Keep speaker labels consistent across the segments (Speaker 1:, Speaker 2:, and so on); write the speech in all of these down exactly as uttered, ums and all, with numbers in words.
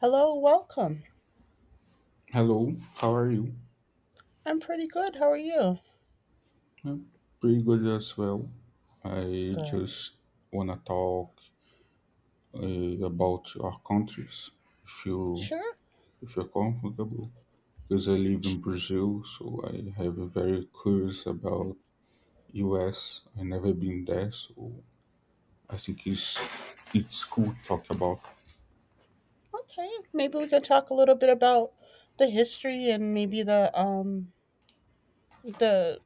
Speaker 1: Hello, welcome.
Speaker 2: Hello, how are you?
Speaker 1: I'm pretty good. How are you?
Speaker 2: I'm pretty good as well. I
Speaker 1: Good.
Speaker 2: just wanna talk uh, about our countries, if you
Speaker 1: Sure.
Speaker 2: if you're comfortable. Because I live
Speaker 1: Sh-
Speaker 2: in Brazil, so I have a very curious about U S. I never been there, so I think it's
Speaker 1: sh-
Speaker 2: it's cool to talk about.
Speaker 1: Okay. Maybe we can talk a little bit about the history and maybe the um the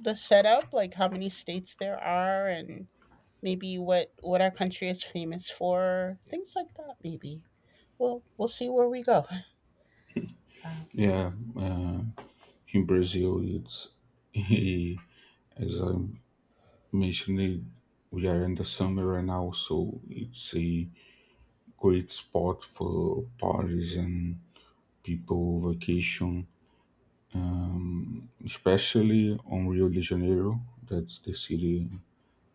Speaker 1: the setup, like how many states there are and maybe what what our country is famous for, things like that maybe. We'll we'll see where we go. Uh,
Speaker 2: Yeah, uh, in Brazil, it's as I mentioned, we are in the summer right now, so it's a great spot for parties and people vacation, especially on Rio de Janeiro. That's the city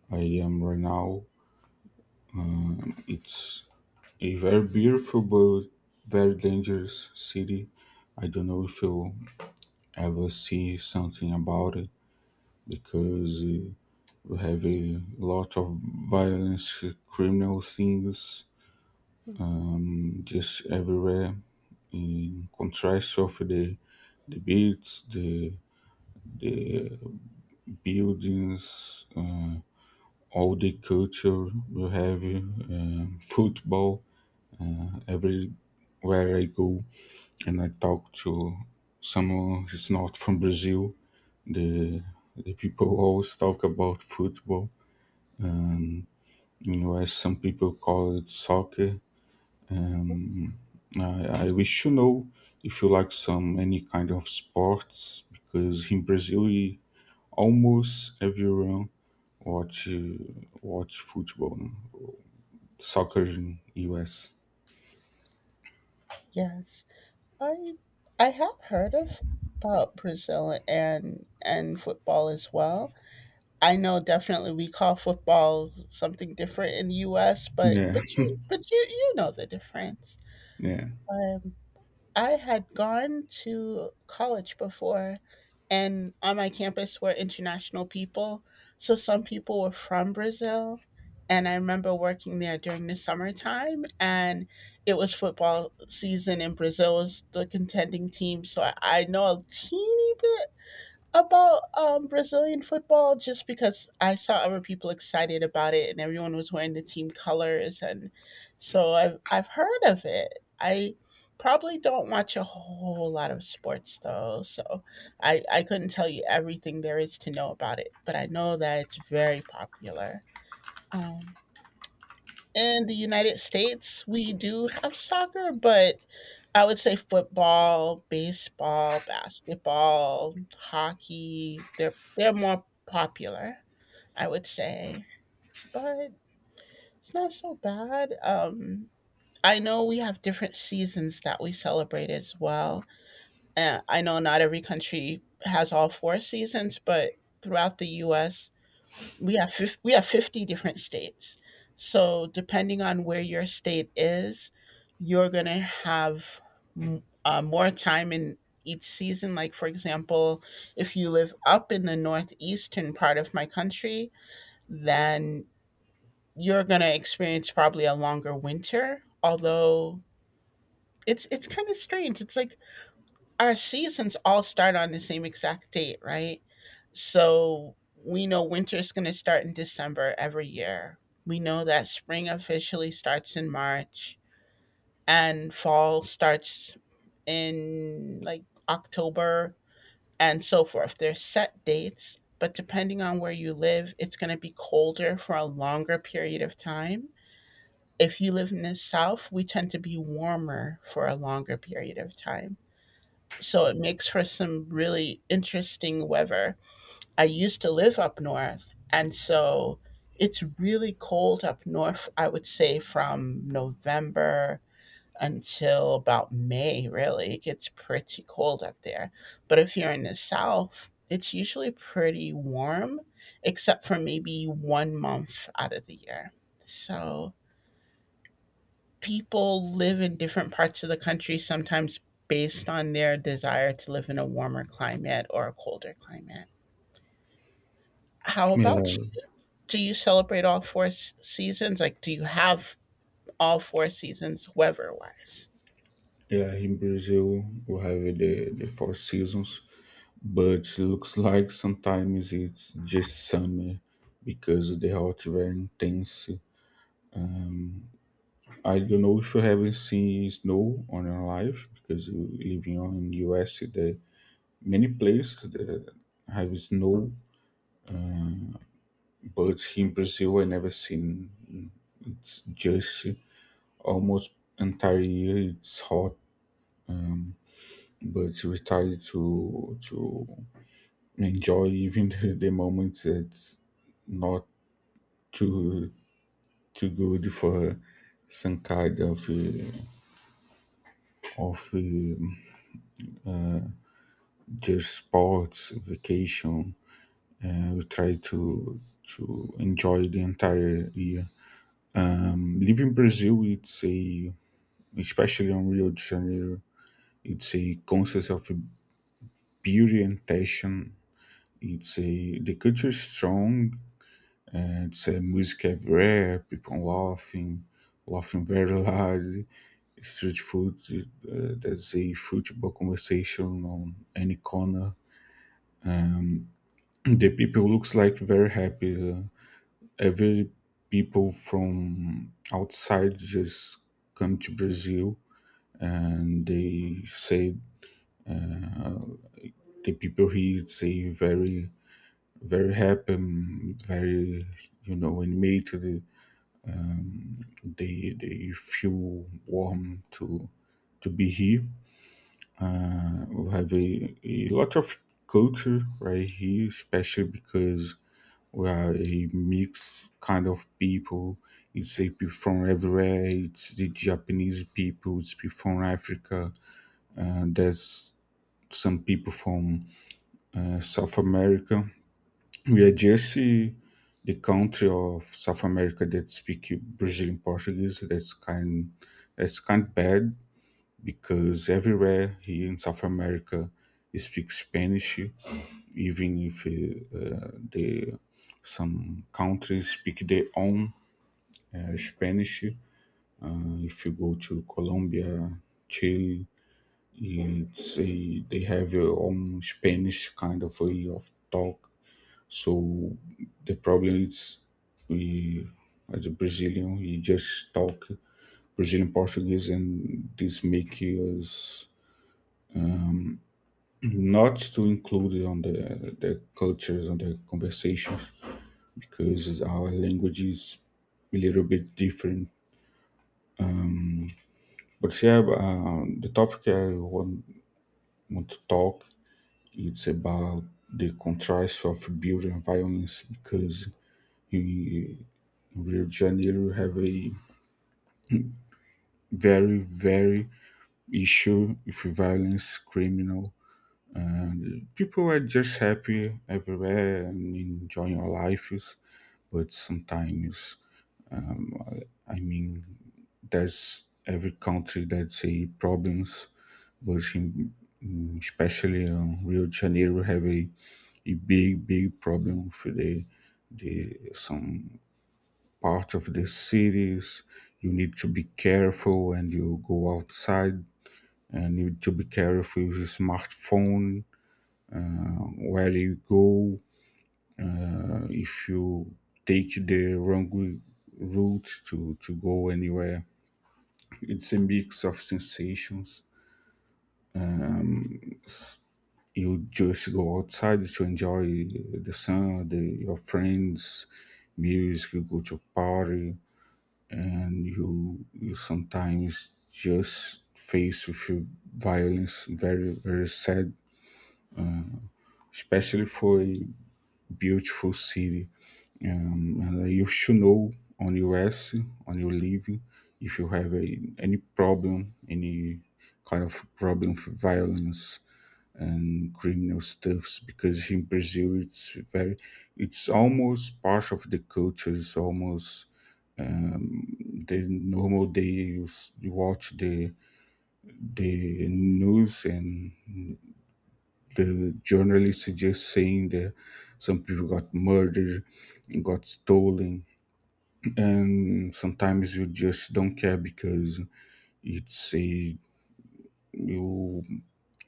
Speaker 2: I am right now. It's a very beautiful but very dangerous city. I don't know if you'll ever see something about it because uh, we have a lot of violence, uh, criminal things just everywhere. In contrast of the the beats, the the buildings, uh, all the culture we have, um football everywhere I go, and I talk to someone who's not from Brazil. The the people always talk about football. In U S, some people call it soccer.
Speaker 1: mhm,
Speaker 2: I, I wish you know if you like some any kind of sports because in Brazil we- almost everyone watch uh, watch football, no? Soccer
Speaker 1: yeah,
Speaker 2: in U S.
Speaker 1: yes. I I have heard of about Brazil and and football as well. I know definitely we call football something different in the U S, but
Speaker 2: Yeah,
Speaker 1: but you but you you know the difference.
Speaker 2: yeah,
Speaker 1: Um, I had gone to college before, and on my campus were international people. So some people were from Brazil, and I remember working there during the summertime, and it was football season, and Brazil was the contending team. So I, I know a teeny bit about um, Brazilian football just because I saw other people excited about it and everyone was wearing the team colors and so I've I've heard of it. I probably don't watch a whole lot of sports though, so I, I couldn't tell you everything there is to know about it, but I know that it's very popular. Um, in the United States, we do have soccer, but I would say football, baseball, basketball, hockey. They're they're more popular, I would say, but it's not so bad. Um, I know we have different seasons that we celebrate as well. Uh, I know not every country has all four seasons, but throughout the U S, we have fif- we have fifty different states, so depending on where your state is, you're going to have m- uh, more time in each season. Like for example, if you live up in the northeastern part of my country, then you're going to experience probably a longer winter. Although it's it's kind of strange, it's like our seasons all start on the same exact date, right? So we know winter is going to start in December every year. We know that spring officially starts in March and fall starts in like October and so forth. There's set dates, but depending on where you live, it's going to be colder for a longer period of time. If you live in the South, we tend to be warmer for a longer period of time, so it makes for some really interesting weather. I used to live up north, and so it's really cold up north, I would say from November until about May, really. It gets pretty cold up there. But if you're in the south, it's usually pretty warm, except for maybe one month out of the year. So people live in different parts of the country sometimes based on their desire to live in a warmer climate or a colder climate. How about
Speaker 2: yeah,
Speaker 1: you? Do you celebrate all four s- seasons? Like, do you have all four seasons weather wise?
Speaker 2: yeah. In Brazil, we have the the four seasons, but looks like sometimes it's just summer because the hot very intense. Um, I don't know if you haven't seen snow on your life because you living on in U S. There many places that have snow, but in Brazil I never seen. It's just almost entire year. It's hot. Um, but we try to to enjoy even the, the moments that's not too too good for some kind of uh, of um just sports vacation. Uh, we try to to enjoy the entire year. Living Brazil, it's a especially on Rio de Janeiro, it's a concept of beauty and passion. It's a the culture is strong. It's a music everywhere, people laughing, laughing very loud, street food, uh, there's a football conversation on any corner. The people looks like very happy. uh, every people from outside just come to Brazil and they say the people here say very very happy, um, very you know animated. They they feel warm to to be here. Uh, we have a, a lot of culture right here, especially because we are a mixed kind of people. It's a people from everywhere. It's the Japanese people. It's people from Africa. Uh, there's some people from uh, South America. We are just uh, the country of South America that speak Brazilian Portuguese. That's kind. That's kind of bad because everywhere here in South America, he speaks Spanish, even if uh, uh, the some countries speak their own uh, Spanish. If you go to Colombia, Chile, it's a, they have their own Spanish kind of way of talk. So the problem is we, as a Brazilian, we just talk Brazilian Portuguese, and this makes us not to include it on the the cultures and the conversations because our language is a little bit different. But yeah, um, the topic I want, want to talk it's about the contrast of beauty and violence because in Rio de Janeiro we have a very very issue with violence criminal. People are just happy everywhere and enjoying our lives, but sometimes I mean there's every country that's a problems, but in, in- especially um, Rio de Janeiro have a, a big big problem with the the some part of the cities. You need to be careful, and you go outside. And you need to be careful with your smartphone, um, where you go. Uh, if you take the wrong route to, to go anywhere, it's a mix of sensations you just go outside to enjoy the sun, the, your friends, music. You go to party, and you you sometimes just face with your violence. Very very sad, especially for a beautiful city. Um, and you should know on U S on your living if you have a, any problem, any kind of problem with violence and criminal stuffs because in Brazil it's very it's almost part of the culture. It's almost the normal day you, s- you watch the the news, and the journalists are just saying that some people got murdered, got stolen, and sometimes you just don't care because it's a you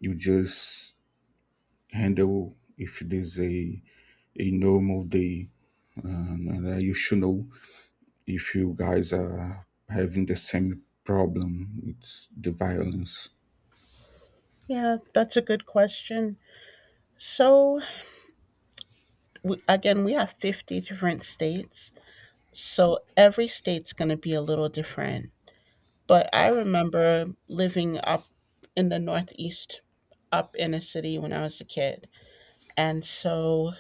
Speaker 2: you just handle if it is a a normal day, and, and uh, you should know if you guys are having the same problem, it's the violence.
Speaker 1: Yeah, that's a good question. So, we, again, we have fifty different states. So, every state's going to be a little different. But I remember living up in the Northeast, up in a city when I was a kid. And so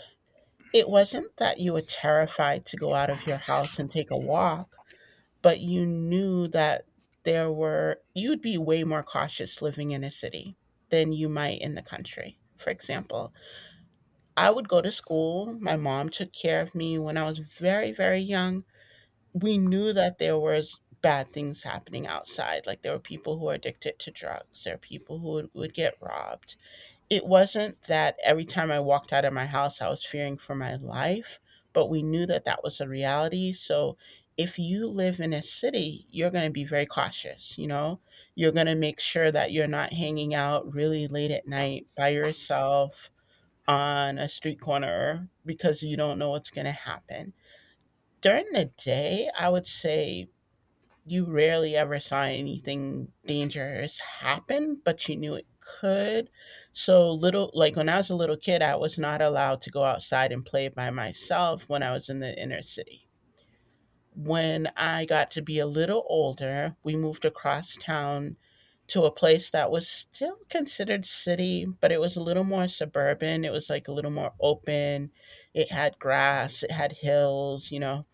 Speaker 1: it wasn't that you were terrified to go out of your house and take a walk, but you knew that there were, you'd be way more cautious living in a city than you might in the country. For example, I would go to school. My mom took care of me when I was very, very young. We knew that there was bad things happening outside. Like there were people who were addicted to drugs. There were people who would, would get robbed. It wasn't that every time I walked out of my house, I was fearing for my life, but we knew that that was a reality. So if you live in a city, you're going to be very cautious. You know, you're going to make sure that you're not hanging out really late at night by yourself on a street corner because you don't know what's going to happen. During the day, I would say you rarely ever saw anything dangerous happen, but you knew it could. So little, like when I was a little kid, I was not allowed to go outside and play by myself when I was in the inner city. When I got to be a little older, we moved across town to a place that was still considered city, but it was a little more suburban. It was like a little more open. It had grass, it had hills, you know,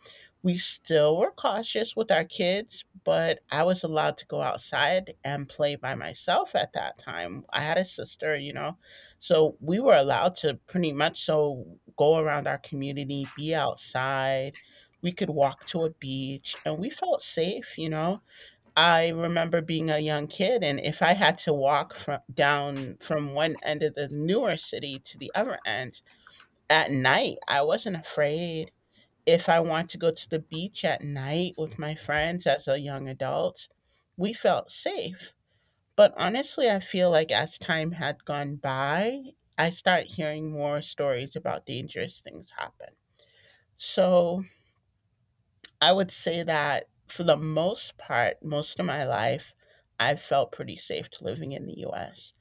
Speaker 1: we still were cautious with our kids, but I was allowed to go outside and play by myself at that time. I had a sister, you know, so we were allowed to pretty much so go around our community, be outside. We could walk to a beach and we felt safe, you know. I remember being a young kid, and if I had to walk from down from one end of the newer city to the other end at night, I wasn't afraid. If I want to go to the beach at night with my friends as a young adult, we felt safe. But honestly, I feel like as time had gone by, I start hearing more stories about dangerous things happen. So I would say that for the most part, most of my life, I felt pretty safe to living in the U S.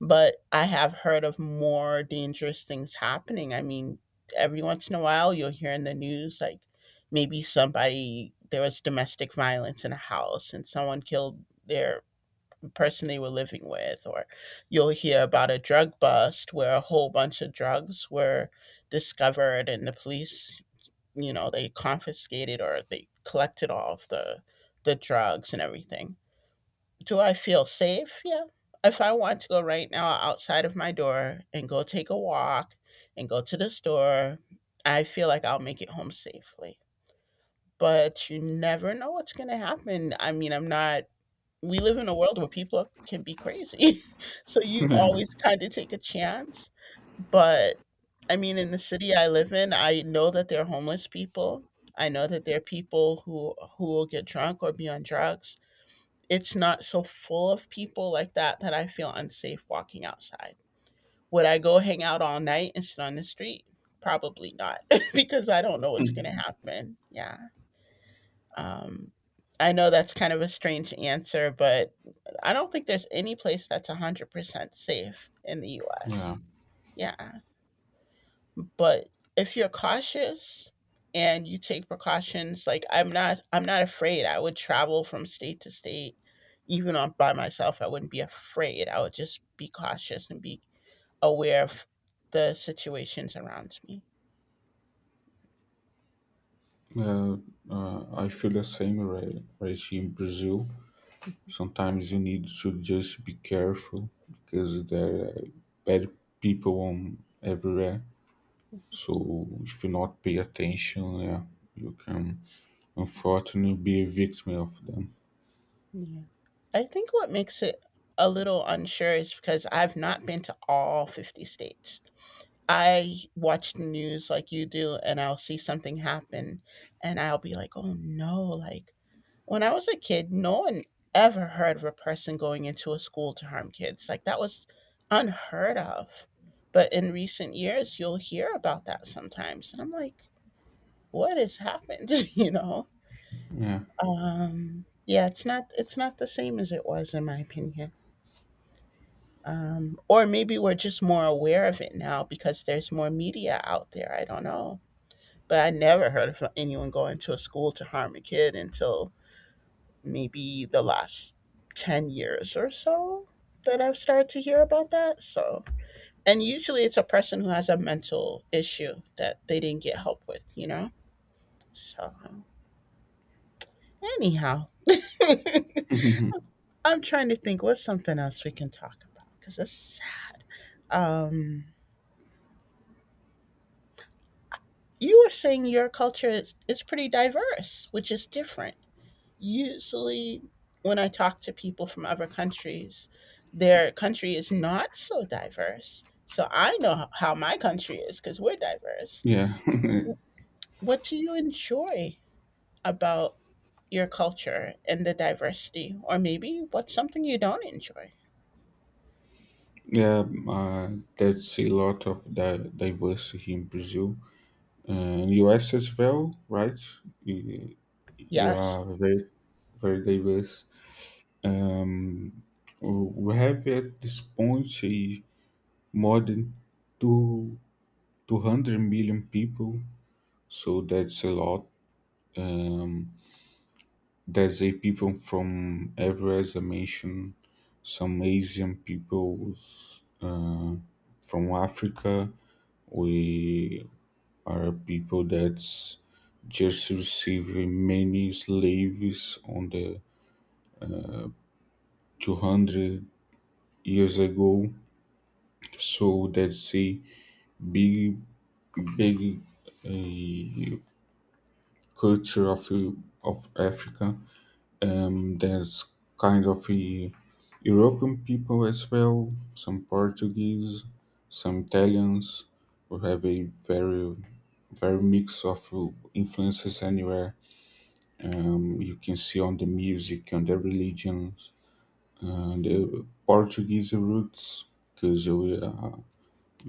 Speaker 1: But I have heard of more dangerous things happening. I mean, every once in a while, you'll hear in the news like maybe somebody, there was domestic violence in a house and someone killed their person they were living with, or you'll hear about a drug bust where a whole bunch of drugs were discovered and the police, you know, they confiscated or they collected all of the the drugs and everything. Do I feel safe? Yeah. If I want to go right now outside of my door and go take a walk and go to the store, I feel like I'll make it home safely. But you never know what's going to happen. I mean, I'm not, we live in a world where people can be crazy. So you always kind of take a chance. But I mean, in the city I live in, I know that there are homeless people. I know that there are people who who will get drunk or be on drugs. It's not so full of people like that that I feel unsafe walking outside. Would I go hang out all night and sit on the street? Probably not, because I don't know what's going to happen. Yeah. Um, I know that's kind of a strange answer, but I don't think there's any place that's one hundred percent safe in the U S. Yeah. But if you're cautious and you take precautions, like I'm not I'm not afraid. I would travel from state to state even on by myself. I wouldn't be afraid. I would just be cautious and be aware of the situations around me.
Speaker 2: Uh, uh, I feel the same, Ra- Reishi, in Brazil. Sometimes you need to just be careful because there are bad people on everywhere. So if you not pay attention, yeah, you can unfortunately be a victim of them.
Speaker 1: Yeah. I think what makes it a little unsure is because I've not been to all fifty states. I watch the news like you do, and I'll see something happen, and I'll be like, oh no, like when I was a kid, no one ever heard of a person going into a school to harm kids. Like that was unheard of. But in recent years, you'll hear about that sometimes. And I'm like, what has happened? You know?
Speaker 2: Yeah,
Speaker 1: Um, yeah, it's not it's not the same as it was in my opinion. Um, or maybe we're just more aware of it now because there's more media out there. I don't know. But I never heard of anyone going to a school to harm a kid until maybe the last ten years or so that I've started to hear about that. So, and usually it's a person who has a mental issue that they didn't get help with, you know? So, anyhow, I'm trying to think what's something else we can talk about because it's, um, you were saying your culture is, is pretty diverse, which is different. Usually, when I talk to people from other countries, their country is not so diverse. So I know h- how my country is because we're diverse.
Speaker 2: yeah,
Speaker 1: What do you enjoy about your culture and the diversity? Or maybe what's something you don't enjoy?
Speaker 2: yeah. Uh, that's a lot of di- diversity in Brazil. And U S as well, right? You, you are
Speaker 1: Yes,
Speaker 2: very very diverse. Um, we have at this point a more than two two hundred million people, so that's a lot. Um, there's a people from everywhere, as I mentioned, some Asian peoples uh, from Africa. We are people that's just received many slaves on the two hundred years ago, so that's a big, big uh, culture of of Africa. Um, there's kind of a European people as well, some Portuguese, some Italians. We have a very very mix of influences anywhere. Um, you can see on the music, on the religions, And uh, Portuguese roots, because we, uh,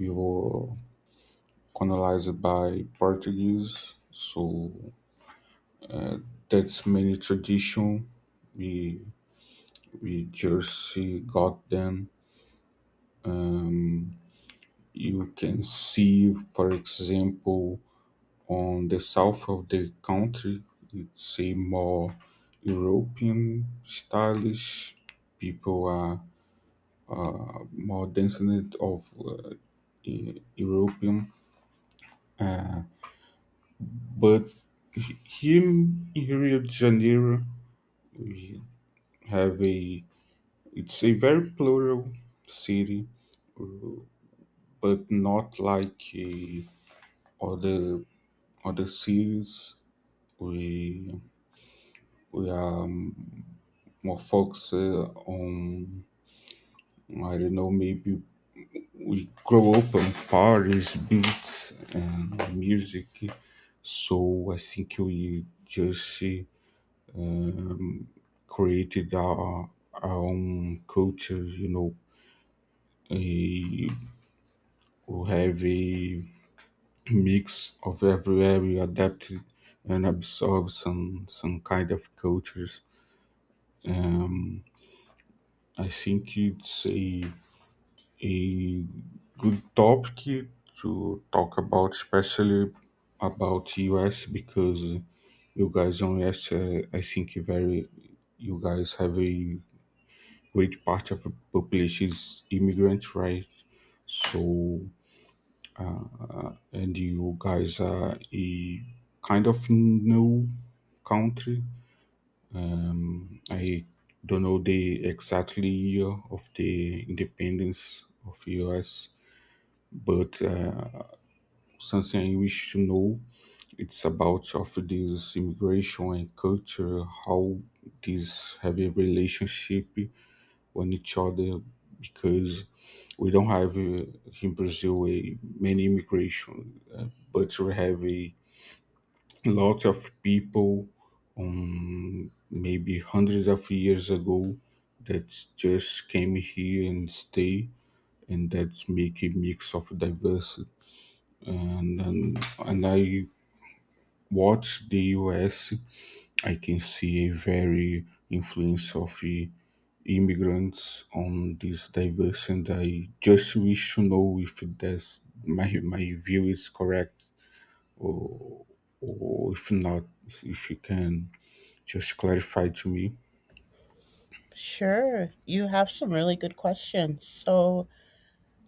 Speaker 2: we were colonized by Portuguese, so that's many tradition. We we just uh, got them. You can see, for example, on the south of the country, it's a more European stylish. People are more descendant of uh, E- European uh, But he- him in Rio de Janeiro, we have a it's a very plural city, but not like eh, other other cities. We we are um, more focused uh, on I don't know maybe we grow up on parties, beats, and music. So I think we just eh, um, created our, our own culture, you know. eh, We have a mix of everywhere we adapted and absorb some some kind of cultures. Um, I think it's a a good topic to talk about, especially about U S because you guys on U S, uh, I think you very you guys have a great part of the population is immigrant, right? So, and you guys are a kind of new country. I don't know the exactly year of the independence of U S, but uh, something I wish to know it's about of this immigration and culture, how these have a relationship on each other because we don't have uh, in Brazil a many immigration, uh, but we have a lot of people um, maybe hundreds of years ago that just came here and stay, and that's make a mix of diversity. And and, and I watch the U S. I can see a very influence of. uh, immigrants on this diverse, and I just wish to know if that's my my view is correct, or or if not, if you can just clarify to me.
Speaker 1: sure. You have some really good questions. So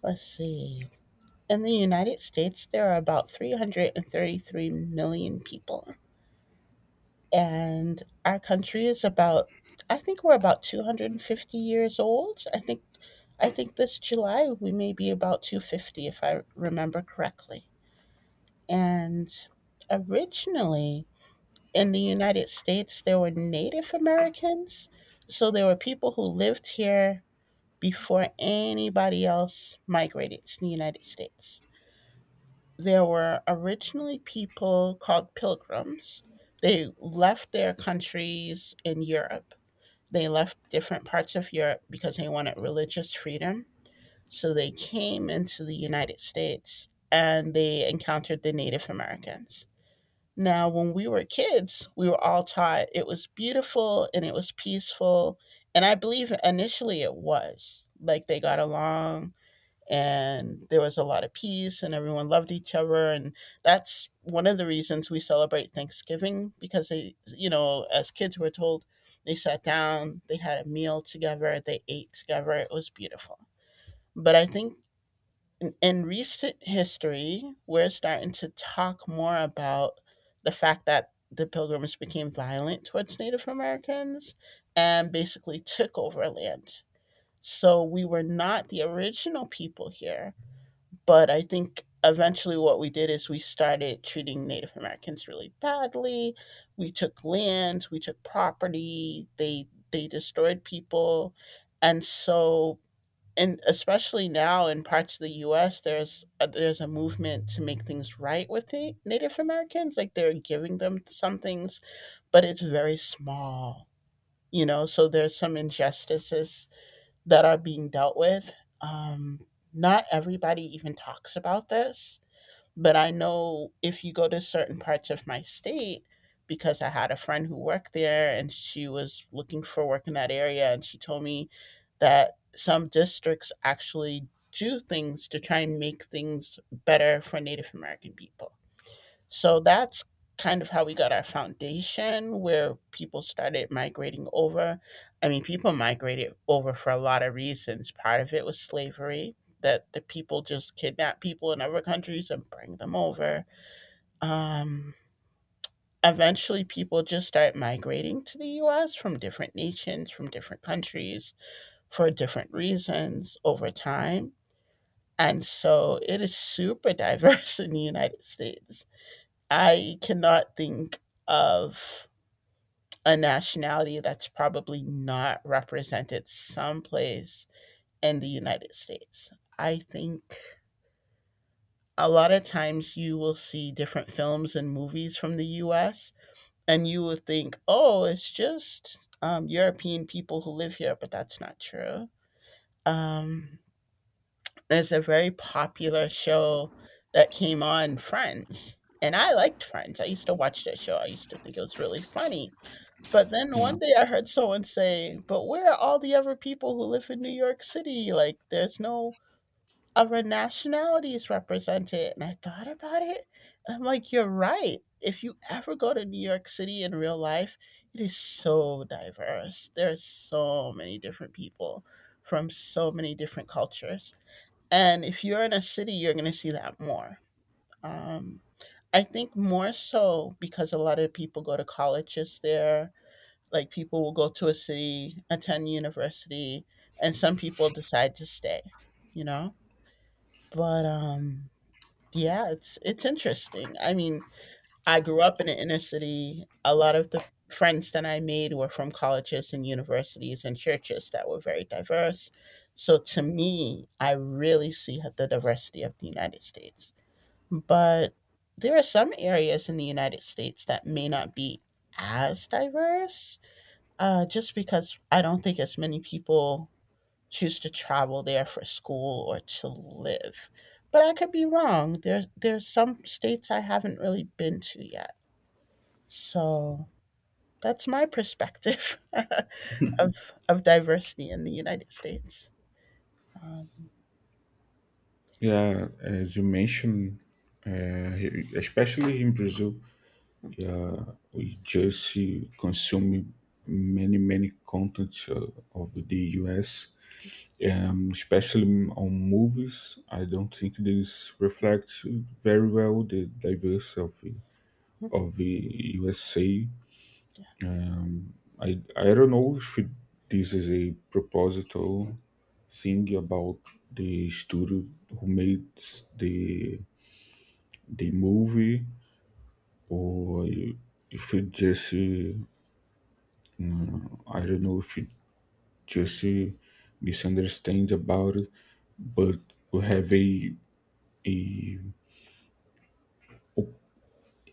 Speaker 1: let's see. In the United States, there are about three hundred thirty-three million people. And our country is about, I think we're about two hundred fifty years old. I think, I think this July we may be about two hundred fifty if I remember correctly. And originally in the United States there were Native Americans, so there were people who lived here before anybody else migrated to the United States. There were originally people called pilgrims. They left their countries in Europe, they left different parts of Europe because they wanted religious freedom. So they came into the United States and they encountered the Native Americans. Now, when we were kids, we were all taught it was beautiful and it was peaceful. And I believe initially it was like they got along, and there was a lot of peace and everyone loved each other, and that's one of the reasons we celebrate Thanksgiving, because they you know as kids, were told they sat down, they had a meal together, they ate together, it was beautiful. But I think in, in recent history we're starting to talk more about the fact that the pilgrims became violent towards Native Americans and basically took over land. So we were not the original people here, but I think eventually what we did is we started treating Native Americans really badly. We took land, we took property, they they destroyed people. And so, and especially now in parts of the U S, there's a, there's a movement to make things right with the Native Americans, like they're giving them some things, but it's very small, you know, so there's some injustices that are being dealt with. Um, Not everybody even talks about this, but I know if you go to certain parts of my state, because I had a friend who worked there and she was looking for work in that area, and she told me that some districts actually do things to try and make things better for Native American people. So that's kind of how we got our foundation where people started migrating over. I mean, people migrated over for a lot of reasons. Part of it was slavery, that the people just kidnap people in other countries and bring them over. Um, Eventually, people just start migrating to the U S from different nations, from different countries for different reasons over time. And so it is super diverse in the United States. I cannot think of a nationality that's probably not represented someplace in the United States. I think a lot of times you will see different films and movies from the U S, and you will think, oh, it's just um, European people who live here, but that's not true. Um, there's a very popular show that came on, Friends. And I liked Friends. I used to watch that show. I used to think it was really funny. But then
Speaker 2: Yeah,
Speaker 1: one day I heard someone say, "But where are all the other people who live in New York City? Like, there's no other nationalities represented." And I thought about it, and I'm like, "You're right. If you ever go to New York City in real life, it is so diverse. There's so many different people from so many different cultures, and if you're in a city, you're going to see that more." Um, I think more so because a lot of people go to colleges there, like people will go to a city, attend university, and some people decide to stay, you know? But um yeah, it's it's interesting. I mean, I grew up in an inner city. A lot of the friends that I made were from colleges and universities and churches that were very diverse. So to me, I really see the diversity of the United States. But there are some areas in the United States that may not be as diverse, uh, just because I don't think as many people choose to travel there for school or to live. But I could be wrong. There's there's some states I haven't really been to yet. So that's my perspective of of diversity in the United States. Um,
Speaker 2: yeah, as you mentioned, uh, here- especially in Brazil, yeah, we just see- consume many many content uh, of the U S, um, especially on movies. I don't think this reflects very well the diversity of the, of the U S A. Um, I I don't know if it, this is a proposital thing about the studio who made the the movie, or if it just uh, mm, I don't know if it just uh, misunderstands about it, but we have a a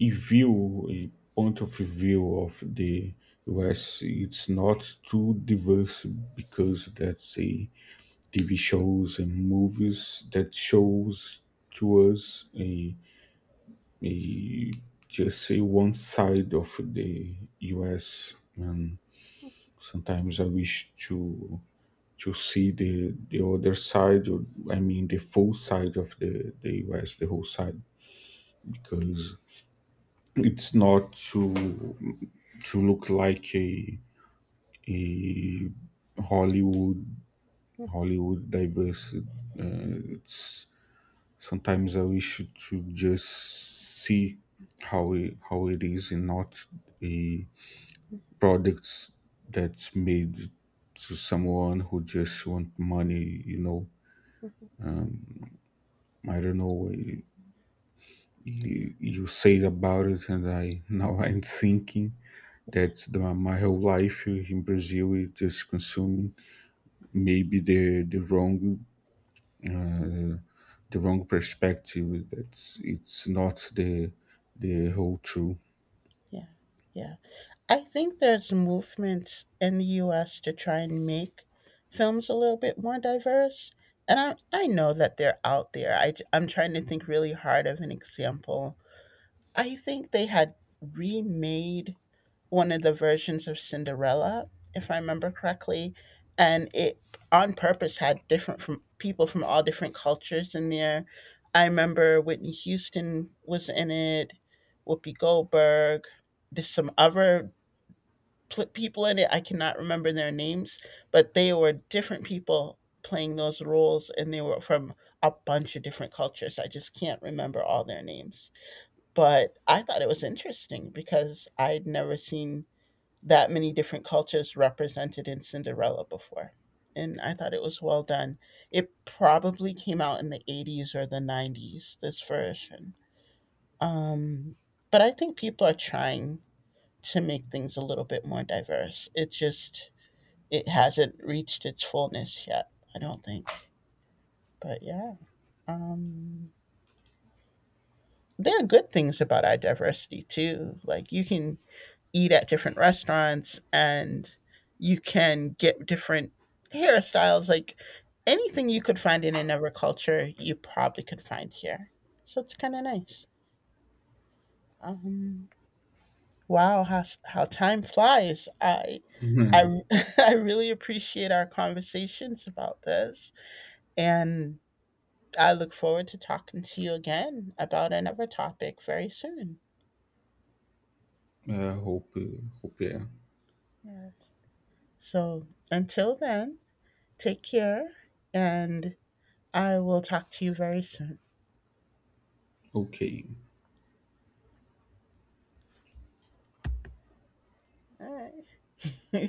Speaker 2: If view a point of view of the U S. It's not too diverse because that's a T V shows and movies that shows to us a, a just say one side of the U S, and sometimes I wish to to see the the other side, or I mean the full side of the, the U S, the whole side because it's not too to look like a a Hollywood Hollywood diverse. Uh, it's Sometimes I wish to just see how it, how it is and not a products that's made to someone who just want money. You know, I don't know. uh, You, you said about it, and I now I'm thinking that the, my whole life in Brazil is just consuming maybe the the wrong uh, the wrong perspective that's it's not the the whole truth.
Speaker 1: yeah, yeah. I think there's movements in the U S to try and make films a little bit more diverse. And I, I know that they're out there. I am trying to think really hard of an example. I think they had remade one of the versions of Cinderella, if I remember correctly. And it on purpose had different from people from all different cultures in there. I remember Whitney Houston was in it, Whoopi Goldberg. There's some other pl- people in it. I cannot remember their names, but they were different people playing those roles, and they were from a bunch of different cultures. I just can't remember all their names. But I thought it was interesting because I'd never seen that many different cultures represented in Cinderella before. And I thought it was well done. It probably came out in the eighties or the nineties, this version. Um, but I think people are trying to make things a little bit more diverse. It just, it hasn't reached its fullness yet, I don't think. But yeah, um, there are good things about our diversity too. Like you can eat at different restaurants and you can get different hairstyles. Like anything you could find in another culture, you probably could find here. So it's kind of nice. Um, wow, how s- how time flies. I I
Speaker 2: Yeah.
Speaker 1: I really appreciate our conversations about this, and I look forward to talking to you again about another topic very soon.
Speaker 2: uh, hope uh, hope yeah.
Speaker 1: Yes. So until then, take care, and I will talk to you very soon.
Speaker 2: Okay.
Speaker 1: All right.